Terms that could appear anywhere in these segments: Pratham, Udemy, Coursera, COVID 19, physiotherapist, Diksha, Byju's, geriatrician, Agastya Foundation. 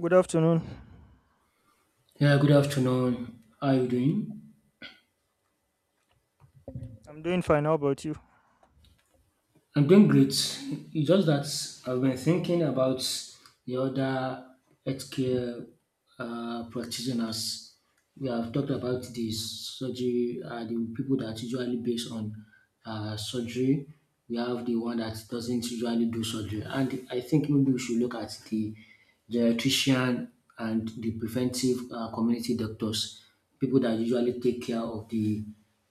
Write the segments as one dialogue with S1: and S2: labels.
S1: Good afternoon.
S2: Yeah, good afternoon. How are you doing?
S1: I'm doing fine. How about you?
S2: I'm doing great. It's just that I've been thinking about the other healthcare practitioners. We have talked about the surgery, the people that usually based on surgery. We have the one that doesn't usually do surgery. And I think maybe we should look at the geriatrician and the preventive community doctors. People that usually take care of the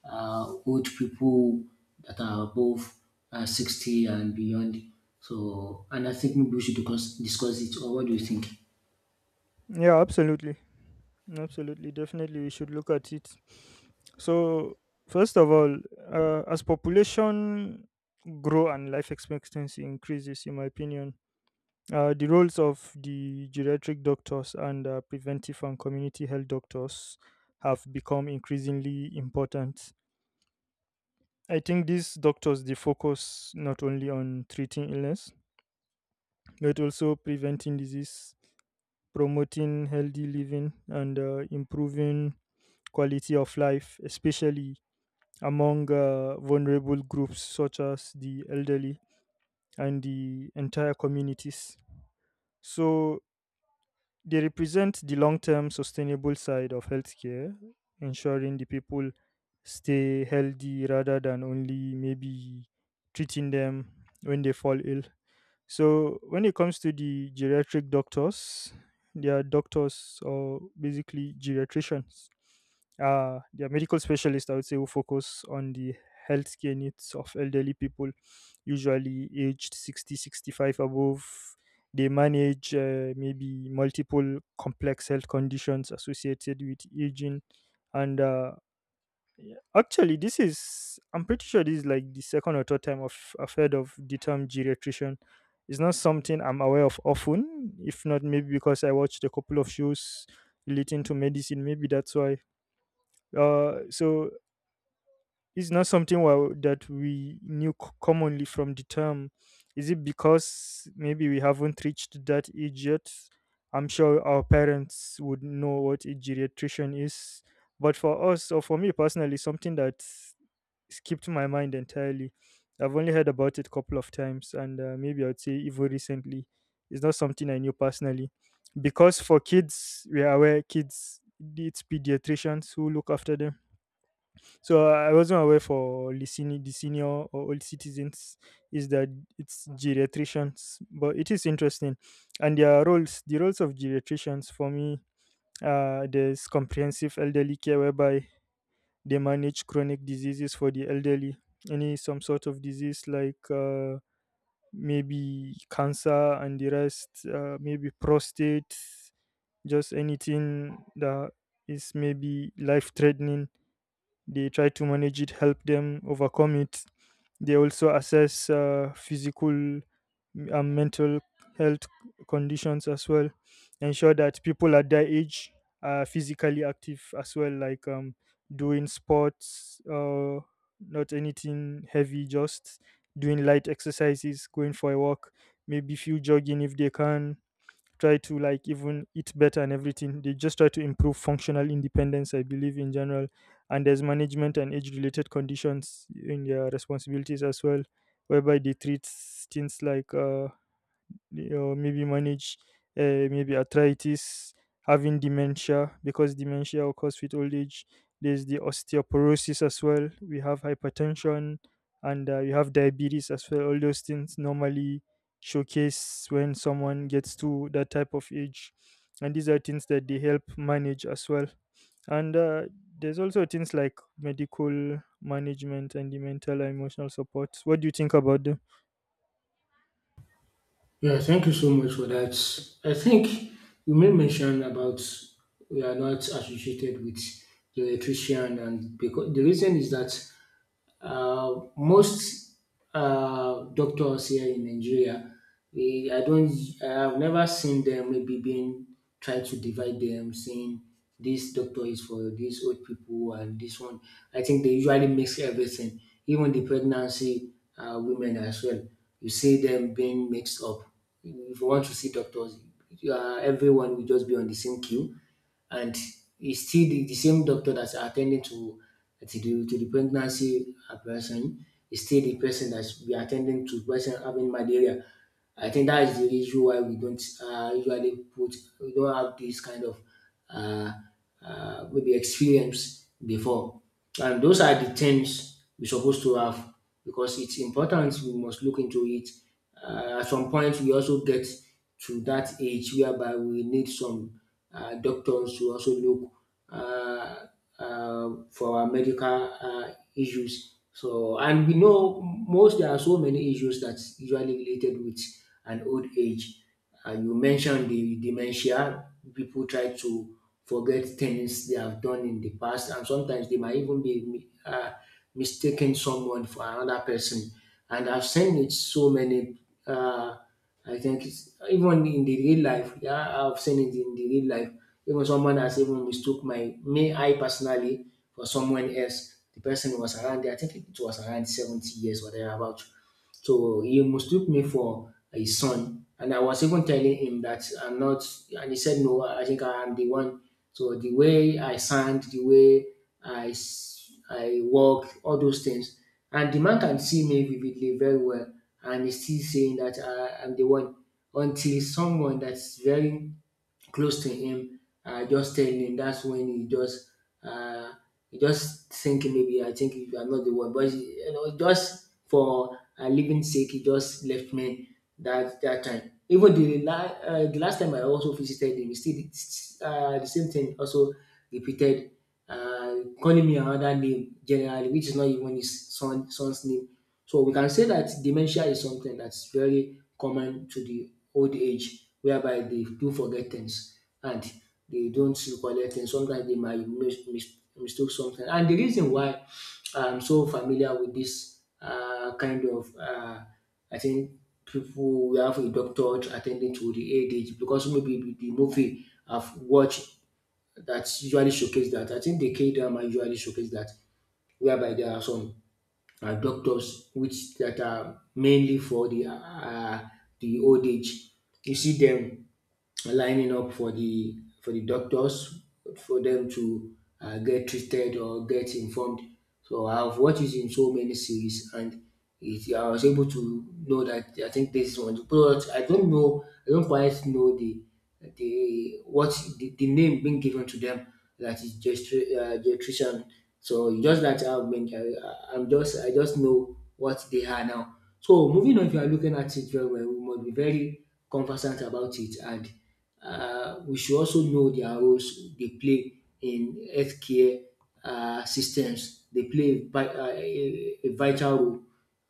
S2: old people that are above 60 and beyond. So, and I think maybe we should discuss it, or what do you think?
S1: Yeah, absolutely. Absolutely. Definitely, we should look at it. So, first of all, as population grow and life expectancy increases, in my opinion, the roles of the geriatric doctors and preventive and community health doctors have become increasingly important. I think these doctors they focus not only on treating illness but also preventing disease, promoting healthy living, and improving quality of life, especially among vulnerable groups such as the elderly and the entire communities. So they represent the long term sustainable side of healthcare, ensuring the people stay healthy rather than only maybe treating them when they fall ill. So when it comes to the geriatric doctors, they are doctors, or basically geriatricians. They are medical specialists, I would say, who focus on the healthcare needs of elderly people, usually aged 60, 65 above. They manage maybe multiple complex health conditions associated with aging and yeah. Actually, this is, I'm pretty sure this is like the second or third time I've heard of the term geriatrician. It's not something I'm aware of often, if not maybe because I watched a couple of shows relating to medicine. Maybe that's why. So it's not something that we knew commonly from the term. Is it because maybe we haven't reached that age yet? I'm sure our parents would know what a geriatrician is. But for us, or for me personally, something that skipped my mind entirely. I've only heard about it a couple of times, and maybe I'd say even recently. It's not something I knew personally. Because for kids, we are aware kids, it's pediatricians who look after them, so I wasn't aware for the the senior or old citizens is that it's geriatricians, but it is interesting. And their roles, the roles of geriatricians for me, there's comprehensive elderly care whereby they manage chronic diseases for the elderly, any some sort of disease like maybe cancer and the rest, maybe prostate, just anything that is maybe life threatening. They try to manage it, help them overcome it. They also assess physical and mental health conditions as well, ensure that people at their age are physically active as well, like doing sports, not anything heavy, just doing light exercises, going for a walk, maybe few jogging if they can, try to like even eat better and everything. They just try to improve functional independence, I believe, in general. And there's management and age related conditions in their responsibilities as well, whereby they treat things like or maybe manage maybe arthritis, having dementia because dementia occurs with old age. There's the osteoporosis as well. We have hypertension, and you have diabetes as well. All those things normally showcase when someone gets to that type of age. And these are things that they help manage as well. And there's also things like medical management and the mental and emotional support. What do you think about them?
S2: Yeah, thank you so much for that. I think you may mention about we are not associated with the electrician, and because the reason is that most doctors here in Nigeria, we, I don't, I've never seen them maybe being try to divide them, saying this doctor is for these old people and this one. I think they usually mix everything, even the pregnancy women as well. You see them being mixed up. If you want to see doctors, everyone will just be on the same queue and it's still the same doctor that's attending to to the pregnancy person is still the person that's be attending to person having malaria. I think that is the issue why we don't usually put we don't have this kind of uh, maybe experience before, and those are the things we're supposed to have because it's important. We must look into it at some point, we also get to that age whereby we need some doctors to also look uh, for our medical issues. So, and we know most there are so many issues that's usually related with an old age. You mentioned the dementia. People try to forget things they have done in the past, and sometimes they might even be mistaking someone for another person. And I've seen it so many. Uh, I think it's even in the real life. Yeah, I've seen it in the real life. Even someone has even mistook my me I personally for someone else. The person was around. I think it was around 70 years or thereabout, so he mistook me for his son, and I was even telling him that I'm not, and he said, "No, I think I am the one. So the way I sound, the way I walk, all those things." And the man can see me vividly very well, and he's still saying that I'm the one until someone that's very close to him, just telling him. That's when uh, he just think maybe I think you are not the one, but you know just for living sake, he just left me that time. Even the the last time I also visited him, he still did, the same thing also repeated and calling me another name generally, which is not even his son's name. So we can say that dementia is something that's very common to the old age, whereby they do forget things and they don't recollect things. Sometimes they might mistake something. And the reason why I'm so familiar with this I think people we have a doctor attending to the old age because maybe with the movie I've watched that usually showcase that. I think the K drama usually showcase that, whereby there are some doctors which that are mainly for the old age. You see them lining up for the doctors for them to get treated or get informed. So I've watched it in so many series, and I was able to know that I think this is one. But I don't know, I don't quite know the what the name being given to them, that is gestration. So it's just that I've been, I, I'm just I just know what they are now. So moving on, if you are looking at it very well, we must be very conversant about it and we should also know their roles they play in healthcare systems. They play a vital role.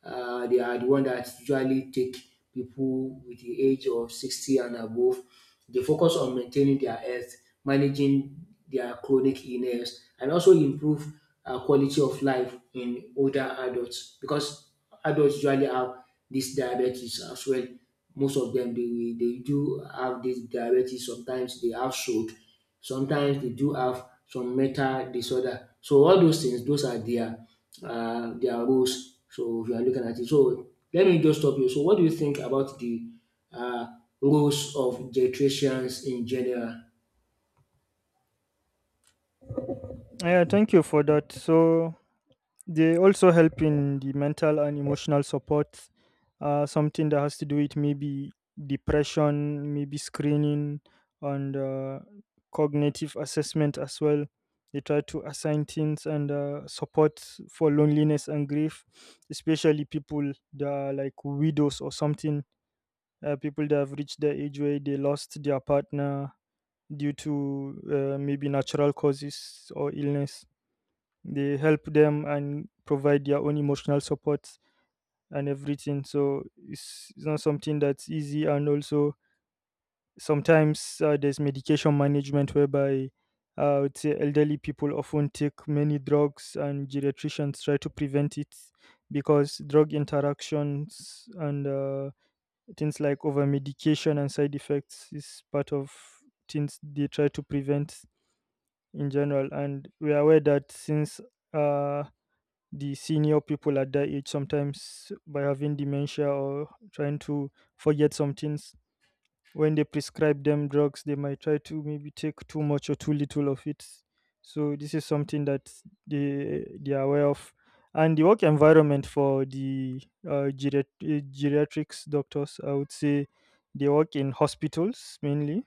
S2: They are the one that usually take people with the age of 60 and above. They focus on maintaining their health, managing their chronic illness, and also improve quality of life in older adults because adults usually have this diabetes as well. Most of them they do have this diabetes. Sometimes they have stroke. Sometimes they do have some mental disorder. So all those things, those are their roles. So if you are looking at it, so let me just stop you. So what do you think about the uh, roles of geriatricians in general?
S1: Yeah, thank you for that. So they also help in the mental and emotional support, something that has to do with maybe depression, maybe screening, and cognitive assessment as well. They try to assign things and support for loneliness and grief, especially people that are like widows or something, people that have reached the age where they lost their partner due to maybe natural causes or illness. They help them and provide their own emotional support and everything. So it's not something that's easy. And also, sometimes there's medication management whereby I would say elderly people often take many drugs, and geriatricians try to prevent it because drug interactions and things like over medication and side effects is part of things they try to prevent in general. And we are aware that since uh, the senior people at that age sometimes by having dementia or trying to forget some things. When they prescribe them drugs, they might try to maybe take too much or too little of it. So this is something that they are aware of, and the work environment for the geriatrics doctors, I would say, they work in hospitals mainly.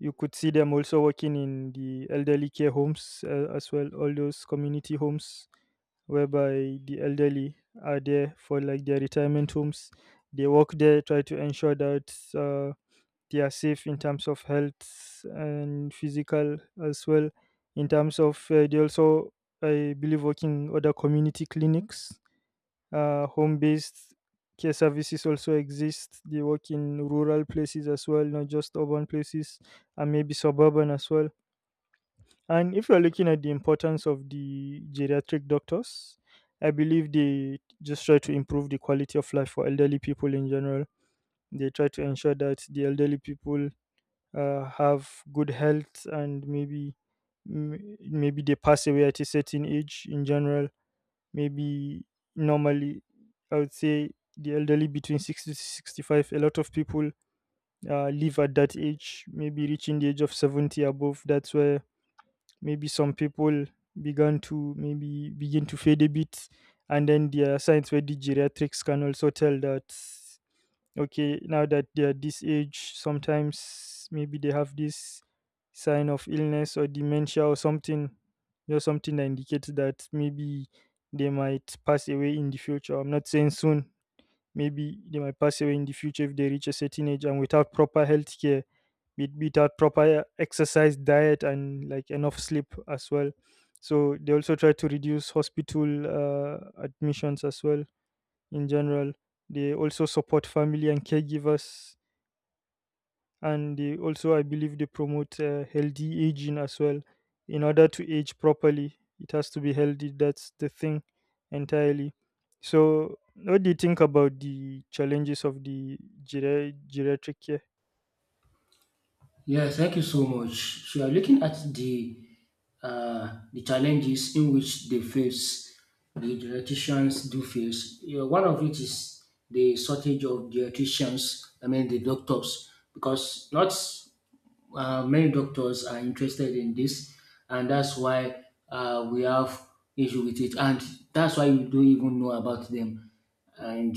S1: You could see them also working in the elderly care homes as well, all those community homes whereby the elderly are there for like their retirement homes. They work there, try to ensure that they are safe in terms of health and physical as well. In terms of, they also, I believe, working other community clinics, home-based care services also exist. They work in rural places as well, not just urban places, and maybe suburban as well. And if you're looking at the importance of the geriatric doctors, I believe they just try to improve the quality of life for elderly people in general. They try to ensure that the elderly people have good health, and maybe maybe they pass away at a certain age in general. Maybe normally, I would say the elderly between 60 to 65, a lot of people live at that age, maybe reaching the age of 70 above. That's where maybe some people began to maybe begin to fade a bit, and then there are signs where the geriatrics can also tell that okay, now that they are this age, sometimes maybe they have this sign of illness or dementia or something, you know, something that indicates that maybe they might pass away in the future. I'm not saying soon. Maybe they might pass away in the future if they reach a certain age and without proper health care, without proper exercise, diet, and like enough sleep as well. So they also try to reduce hospital admissions as well in general. They also support family and caregivers, and they also, I believe, they promote healthy aging as well. In order to age properly, it has to be healthy, that's the thing entirely. So what do you think about the challenges of the geriatric care?
S2: Yes, thank you so much. So we are looking at the challenges in which they face, the dietitians do face. You know, one of it is the shortage of dietitians. I mean the doctors, because not many doctors are interested in this, and that's why we have issue with it, and that's why you don't even know about them, and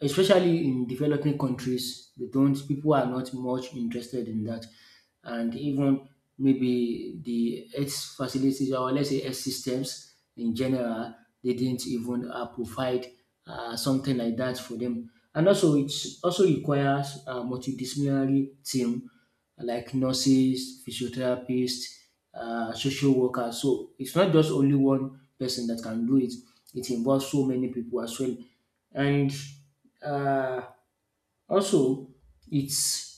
S2: especially in developing countries, they don't people are not much interested in that, and even maybe the health facilities or let's say health systems in general, they didn't even provide something like that for them. And also, it also requires a multidisciplinary team like nurses, physiotherapists, social workers. So it's not just only one person that can do it. It involves so many people as well. And uh, also, it's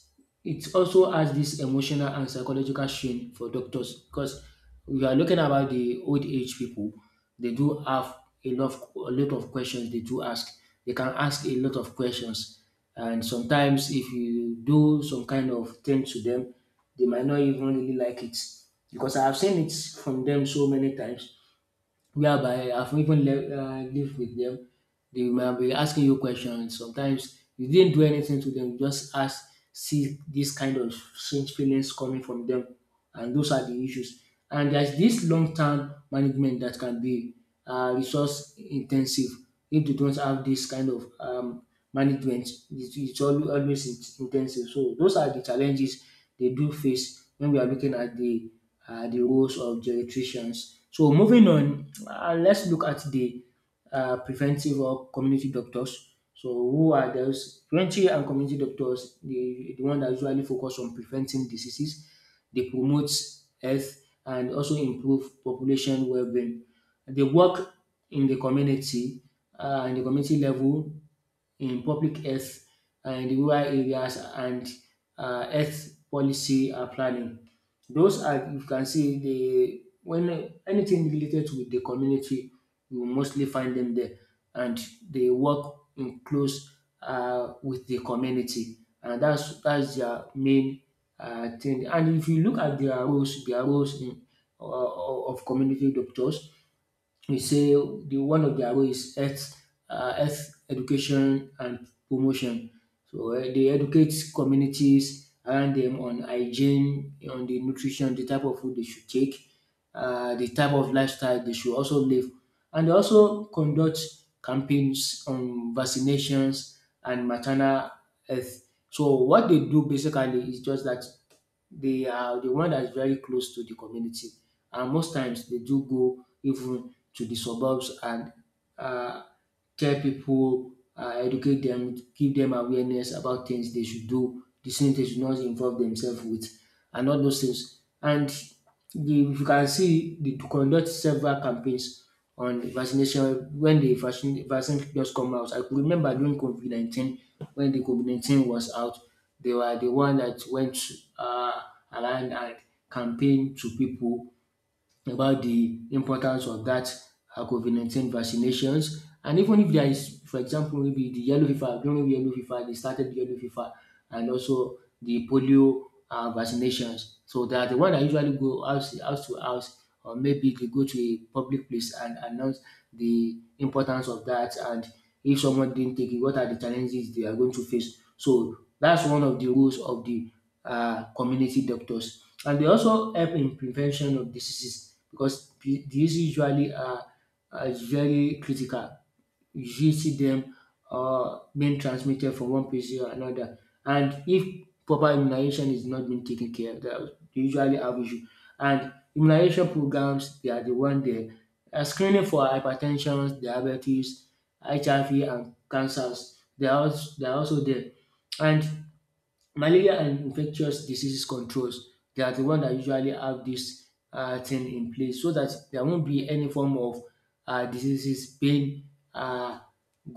S2: it also has this emotional and psychological strain for doctors because we are looking about the old age people. They do have a lot of questions they do ask. They can ask a lot of questions, and sometimes if you do some kind of thing to them, they might not even really like it because I have seen it from them so many times whereby I've even lived with them. They might be asking you questions. Sometimes you didn't do anything to them, you just ask, see this kind of strange feelings coming from them. And those are the issues. And there's this long term management that can be resource intensive. If they don't have this kind of management, it's always intensive. So those are the challenges they do face when we are looking at the roles of geriatricians. So moving on, let's look at the preventive or community doctors. So who are those preventive and community doctors? The one that usually focus on preventing diseases. They promote health and also improve population well-being. They work in the community, um, in the community level, in public health, and in rural areas and um, health policy and planning. Those are you can see the when anything related with the community you will mostly find them there, and they work in close um, with the community, and that's their main um, thing. And if you look at their roles in um, of community doctors, we say the one of their role is health education and promotion. So eh, they educate communities around them on hygiene, on the nutrition, the type of food they should take, the type of lifestyle they should also live, and they also conduct campaigns on vaccinations and maternal health. So what they do basically is just that they are the one that's very close to the community, and most times they do go even to the suburbs and uh, tell people, educate them, give them awareness about things they should do, the things they should not involve themselves with, and all those things. And if you can see, they conduct several campaigns on vaccination when vaccine just come out. I could remember during COVID 19, when the COVID 19 was out, they were the one that went uh, around and campaigned to people about the importance of that COVID 19 vaccinations. And even if there is, for example, maybe the yellow fever, during yellow fever, they started yellow fever and also the polio vaccinations. So they are the one that usually go house to house or maybe they go to a public place and announce the importance of that, and if someone didn't take it, what are the challenges they are going to face. So that's one of the roles of the community doctors. And they also help in prevention of diseases because the diseases are very critical, you see them being transmitted from one person to another. And if proper immunization is not being taken care of, that they usually have issue. And immunization programs, they are the one there. Screening for hypertension, diabetes, HIV, and cancers. They are also there. And malaria and infectious diseases controls, they are the one that usually have this thing in place so that there won't be any form of diseases being uh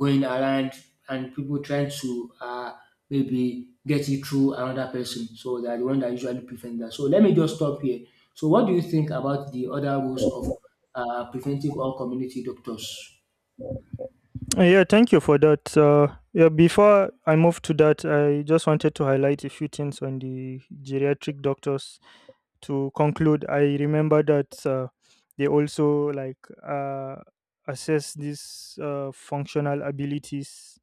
S2: going around and people trying to maybe get it through another person. So they are the one that usually prevent that. So let me just stop here. So what do you think about the other rules of preventive or community doctors?
S1: Yeah, thank you for that. Yeah, before I move to that, I just wanted to highlight a few things on the geriatric doctors to conclude. I remember that they also like uh, assess these functional abilities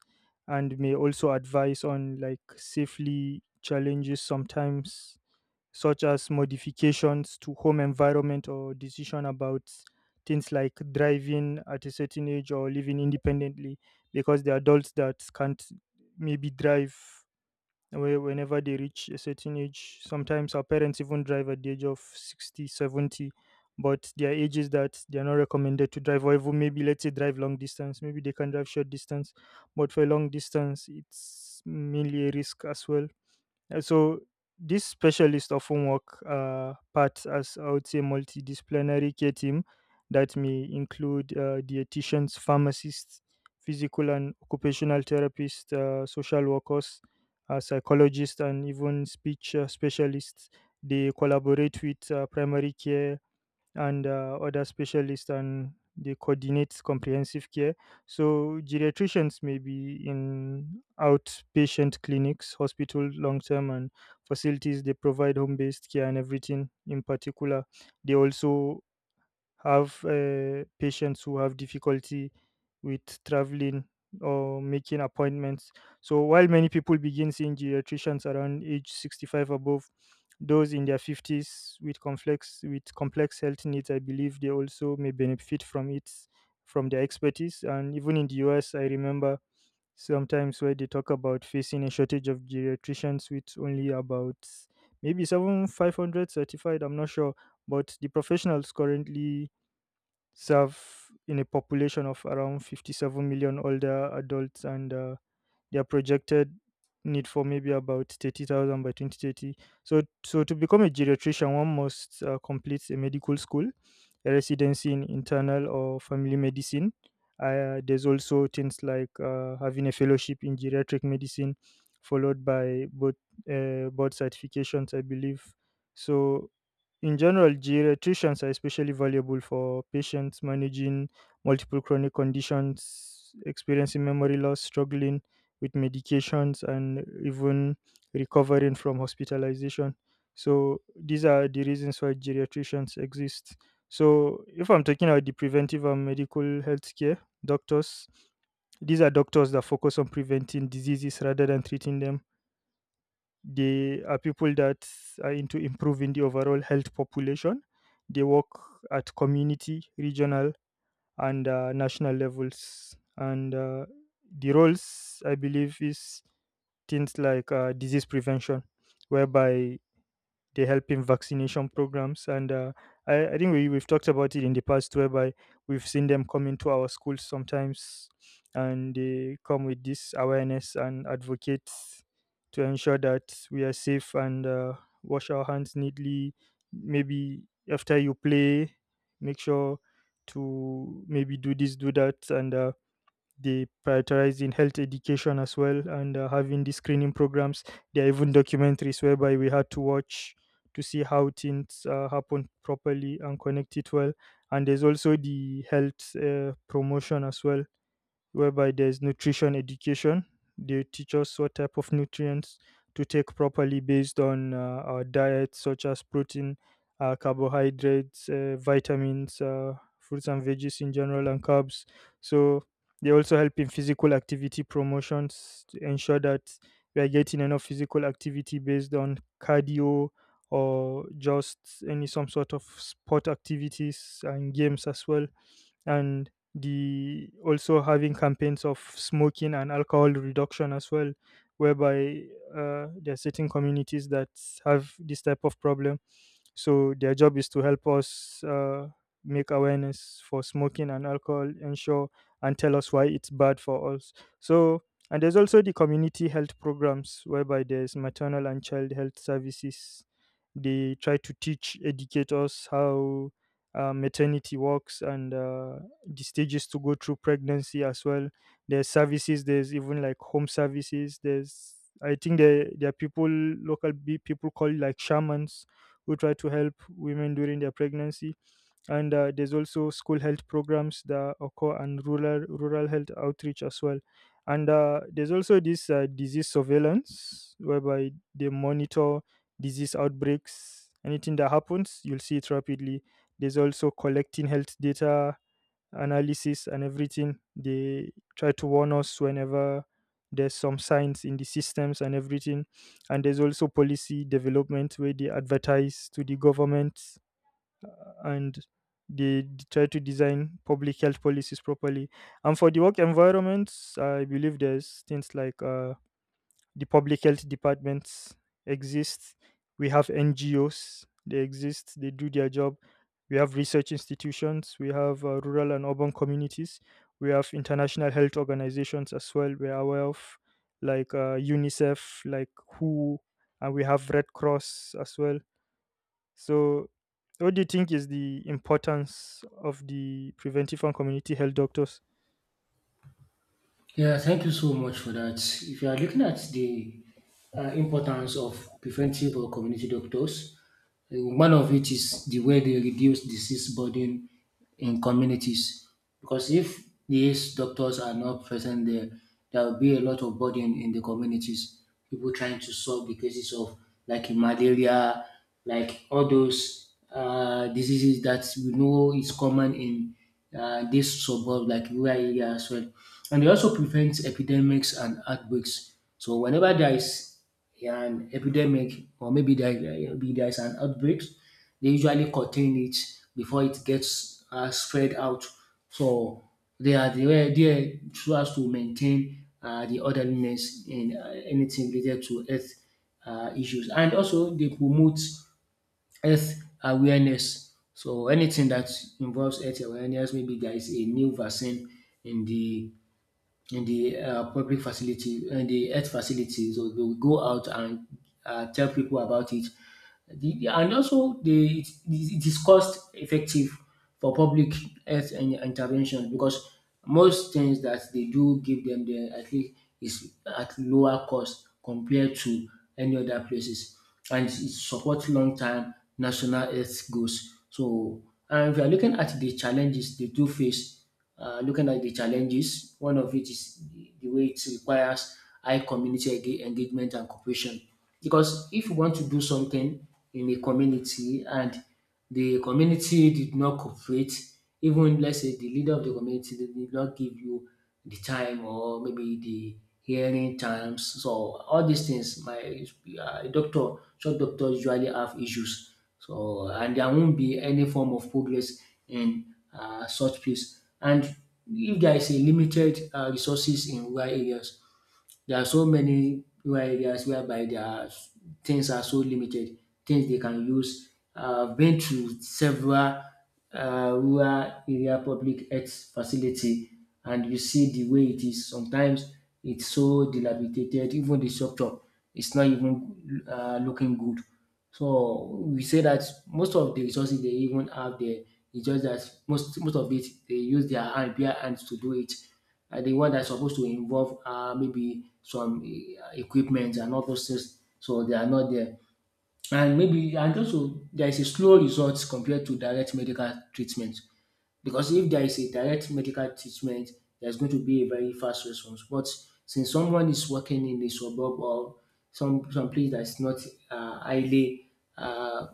S1: and may also advise on like safely challenges sometimes, such as modifications to home environment or decision about things like driving at a certain age or living independently, because the adults that can't maybe drive whenever they reach a certain age, sometimes our parents even drive at the age of 60, 70. But their age is that they are not recommended to drive, or even maybe let's say drive long distance. Maybe they can drive short distance, but for long distance it's mainly a risk as well. So these specialists often work parts as I would say multidisciplinary care team, that may include dietitians, pharmacists, physical and occupational therapists, social workers, psychologists, and even speech specialists. They collaborate with primary care and other specialists, and they coordinate comprehensive care. So geriatricians may be in outpatient clinics, hospital, long-term and facilities. They provide home-based care and everything in particular. They also have patients who have difficulty with traveling or making appointments. So while many people begin seeing geriatricians around age 65 above, those in their 50s with complex health needs, I believe they also may benefit from it, from their expertise. And even in the US, I remember sometimes where they talk about facing a shortage of geriatricians with only about maybe 7,500 certified. I'm not sure, but the professionals currently serve in a population of around 57 million older adults, and their projected need for maybe about 30,000 by 2030. So to become a geriatrician, one must complete a medical school, a residency in internal or family medicine. There's also things like having a fellowship in geriatric medicine, followed by both board certifications, I believe. So, in general, geriatricians are especially valuable for patients managing multiple chronic conditions, experiencing memory loss, struggling with medications, and even recovering from hospitalization. So these are the reasons why geriatricians exist. So if I'm talking about the preventive and medical health care doctors, these are doctors that focus on preventing diseases rather than treating them. They are people that are into improving the overall health population. They work at community, regional, and national levels. And The roles, I believe, is things like disease prevention, whereby they help in vaccination programs and I think we've talked about it in the past, whereby we've seen them come into our schools sometimes, and they come with this awareness and advocate to ensure that we are safe, and wash our hands neatly, maybe after you play. Make sure to maybe do this, do that and They prioritize in health education as well, and having the screening programs. There are even documentaries whereby we had to watch to see how things happen properly and connect it well. And there's also the health promotion as well, whereby there's nutrition education. They teach us what type of nutrients to take properly based on our diet, such as protein, carbohydrates, vitamins, fruits and veggies in general, and carbs. So they also help in physical activity promotions to ensure that we are getting enough physical activity based on cardio, or just any some sort of sport activities and games as well. And the also having campaigns of smoking and alcohol reduction as well, whereby there are certain communities that have this type of problem, so their job is to help us make awareness for smoking and alcohol ensure, and tell us why it's bad for us. So, and there's also the community health programs, whereby there's maternal and child health services. They try to teach, educate us how maternity walks, and the stages to go through pregnancy as well. There's services. There's even like home services. There's, I think there are people local people call it like shamans, who try to help women during their pregnancy. And there's also school health programs that occur, and rural health outreach as well. And there's also this disease surveillance, whereby they monitor disease outbreaks. Anything that happens, you'll see it rapidly. There's also collecting health data, analysis and everything. They try to warn us whenever there's some signs in the systems and everything. And there's also policy development, where they advertise to the government, and they try to design public health policies properly. And for the work environments, I believe there's things like the public health departments exist. We have NGOs, they exist, they do their job. We have research institutions, we have rural and urban communities, we have international health organizations as well. We're aware of like UNICEF, like WHO, and we have Red Cross as well. So, what do you think is the importance of the preventive and community health doctors?
S2: Yeah, thank you so much for that. If you are looking at the importance of preventive or community doctors, one of it is the way they reduce disease burden in communities. Because if these doctors are not present there, there will be a lot of burden in the communities. People trying to solve the cases of like malaria, like all those diseases that we know is common in these suburbs like rural area as well. And they also prevent epidemics and outbreaks. So whenever there is an epidemic or maybe there is an outbreak, they usually contain it before it gets spread out. So they were there so as to maintain the orderliness in anything related to health issues. And also they promote health awareness. So anything that involves health awareness, maybe there is a new vaccine in the public facility in the health facility, so they will go out and tell people about it. It is cost effective for public intervention because most things that they do give them there at least is at lower cost compared to any other places. And it supports long term national health goals. So, and if you are looking at the challenges they do face, looking at the challenges, one of it is the way it requires high engagement and cooperation. Because if you want to do something in a community and the community did not cooperate, even let's say the leader of the community did not give you the time or maybe the hearing times, so all these things, my doctor, short doctors usually have issues. So and there won't be any form of progress in such place. And if there is a limited resources in rural areas, there are so many rural areas whereby there are things are so limited, things they can use. I've been to several rural area public health facility and you see the way it is. Sometimes it's so dilapidated, even the structure is not even looking good. So we say that most of the resources they even have there, it's just that most of it they use their hand, bare hands to do it, the one that's supposed to involve maybe some equipment and all those things. So they are not there. And also there is a slow result compared to direct medical treatment because if there is a direct medical treatment, there's going to be a very fast response. But since someone is working in a suburb or some place that's not highly uh,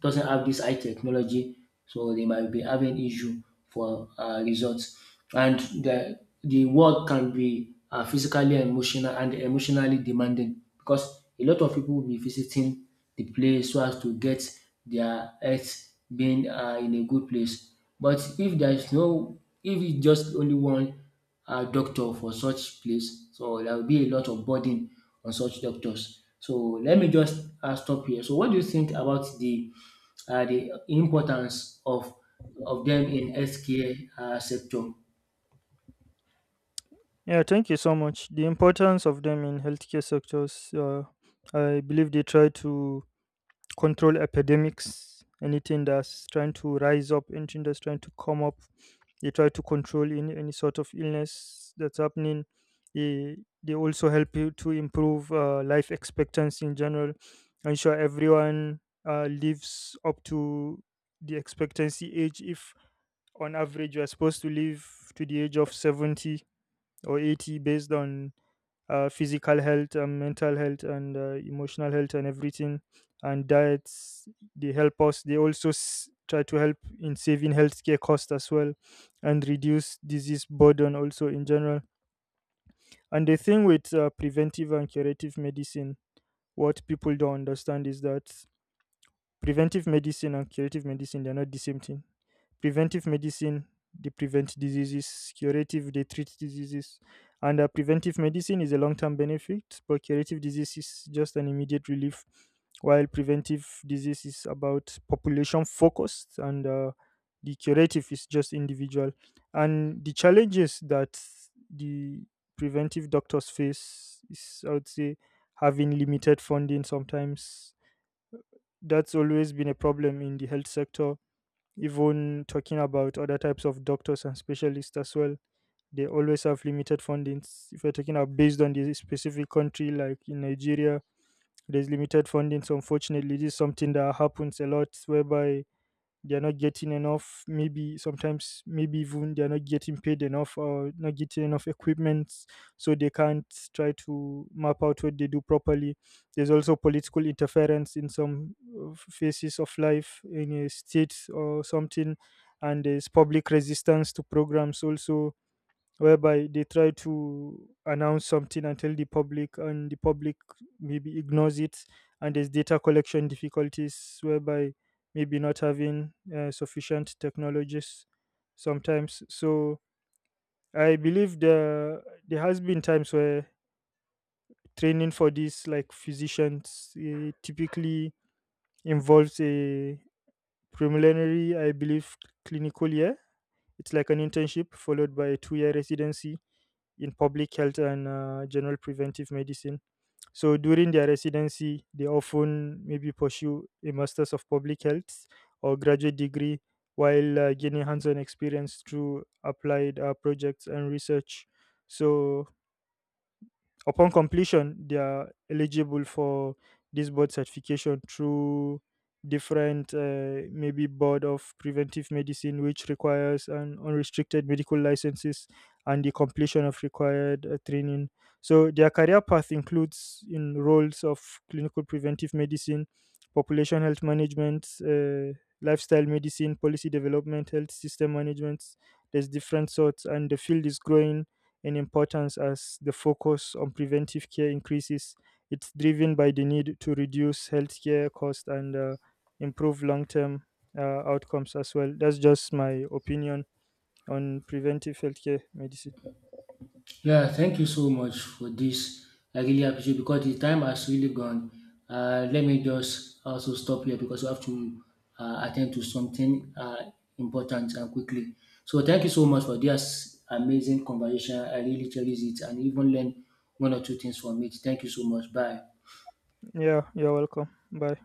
S2: doesn't have this high technology, so they might be having issue for results. And the work can be physically, and emotional, and emotionally demanding because a lot of people will be visiting the place so as to get their health being in a good place. But if there is no if it's just only one doctor for such place, so there will be a lot of burden on such doctors. So let me just stop here. So what do you think about the importance of them in healthcare sector?
S1: Yeah, thank you so much. The importance of them in healthcare sectors, I believe they try to control epidemics, anything that's trying to rise up, anything that's trying to come up, they try to control any sort of illness that's happening. they, they also help you to improve life expectancy in general, ensure everyone lives up to the expectancy age. If on average you're supposed to live to the age of 70 or 80, based on physical health and mental health and emotional health and everything and diets, they help us. They also try to help in saving healthcare costs as well, and reduce disease burden also in general. And the thing with preventive and curative medicine, what people don't understand is that preventive medicine and curative medicine, they're not the same thing. Preventive medicine, they prevent diseases; curative, they treat diseases. And preventive medicine is a long-term benefit, but curative disease is just an immediate relief, while preventive disease is about population focused, and the curative is just individual. And the challenges that the preventive doctors face is, I would say, having limited funding sometimes. That's always been a problem in the health sector, even talking about other types of doctors and specialists as well. They always have limited fundings. If you're talking about based on the specific country, like in Nigeria, there's limited fundings. Unfortunately, this is something that happens a lot, whereby they're not getting enough, maybe sometimes maybe even they're not getting paid enough or not getting enough equipment, so they can't try to map out what they do properly. There's also political interference in some phases of life in a state or something, and there's public resistance to programs also, whereby they try to announce something and tell the public, and the public maybe ignores it. And there's data collection difficulties, whereby maybe not having sufficient technologies sometimes. So I believe there has been times where training for these like physicians typically involves a preliminary, I believe, clinical year. It's like an internship, followed by a 2 year residency in public health and general preventive medicine. So during their residency, they often maybe pursue a master's of public health or graduate degree, while gaining hands-on experience through applied projects and research. So upon completion, they are eligible for this board certification through different, maybe board of preventive medicine, which requires an unrestricted medical licenses and the completion of required training. So their career path includes in roles of clinical preventive medicine, population health management, lifestyle medicine, policy development, health system management. There's different sorts, and the field is growing in importance as the focus on preventive care increases. It's driven by the need to reduce healthcare costs and improve long term uh, outcomes as well. That's just my opinion on preventive healthcare medicine.
S2: Yeah, thank you so much for this. I really appreciate because the time has really gone. Let me just also stop here because we have to attend to something important and quickly. So thank you so much for this amazing conversation. I really cherish it and even learn one or two things from it. Thank you so much. Bye.
S1: Yeah, you're welcome. Bye.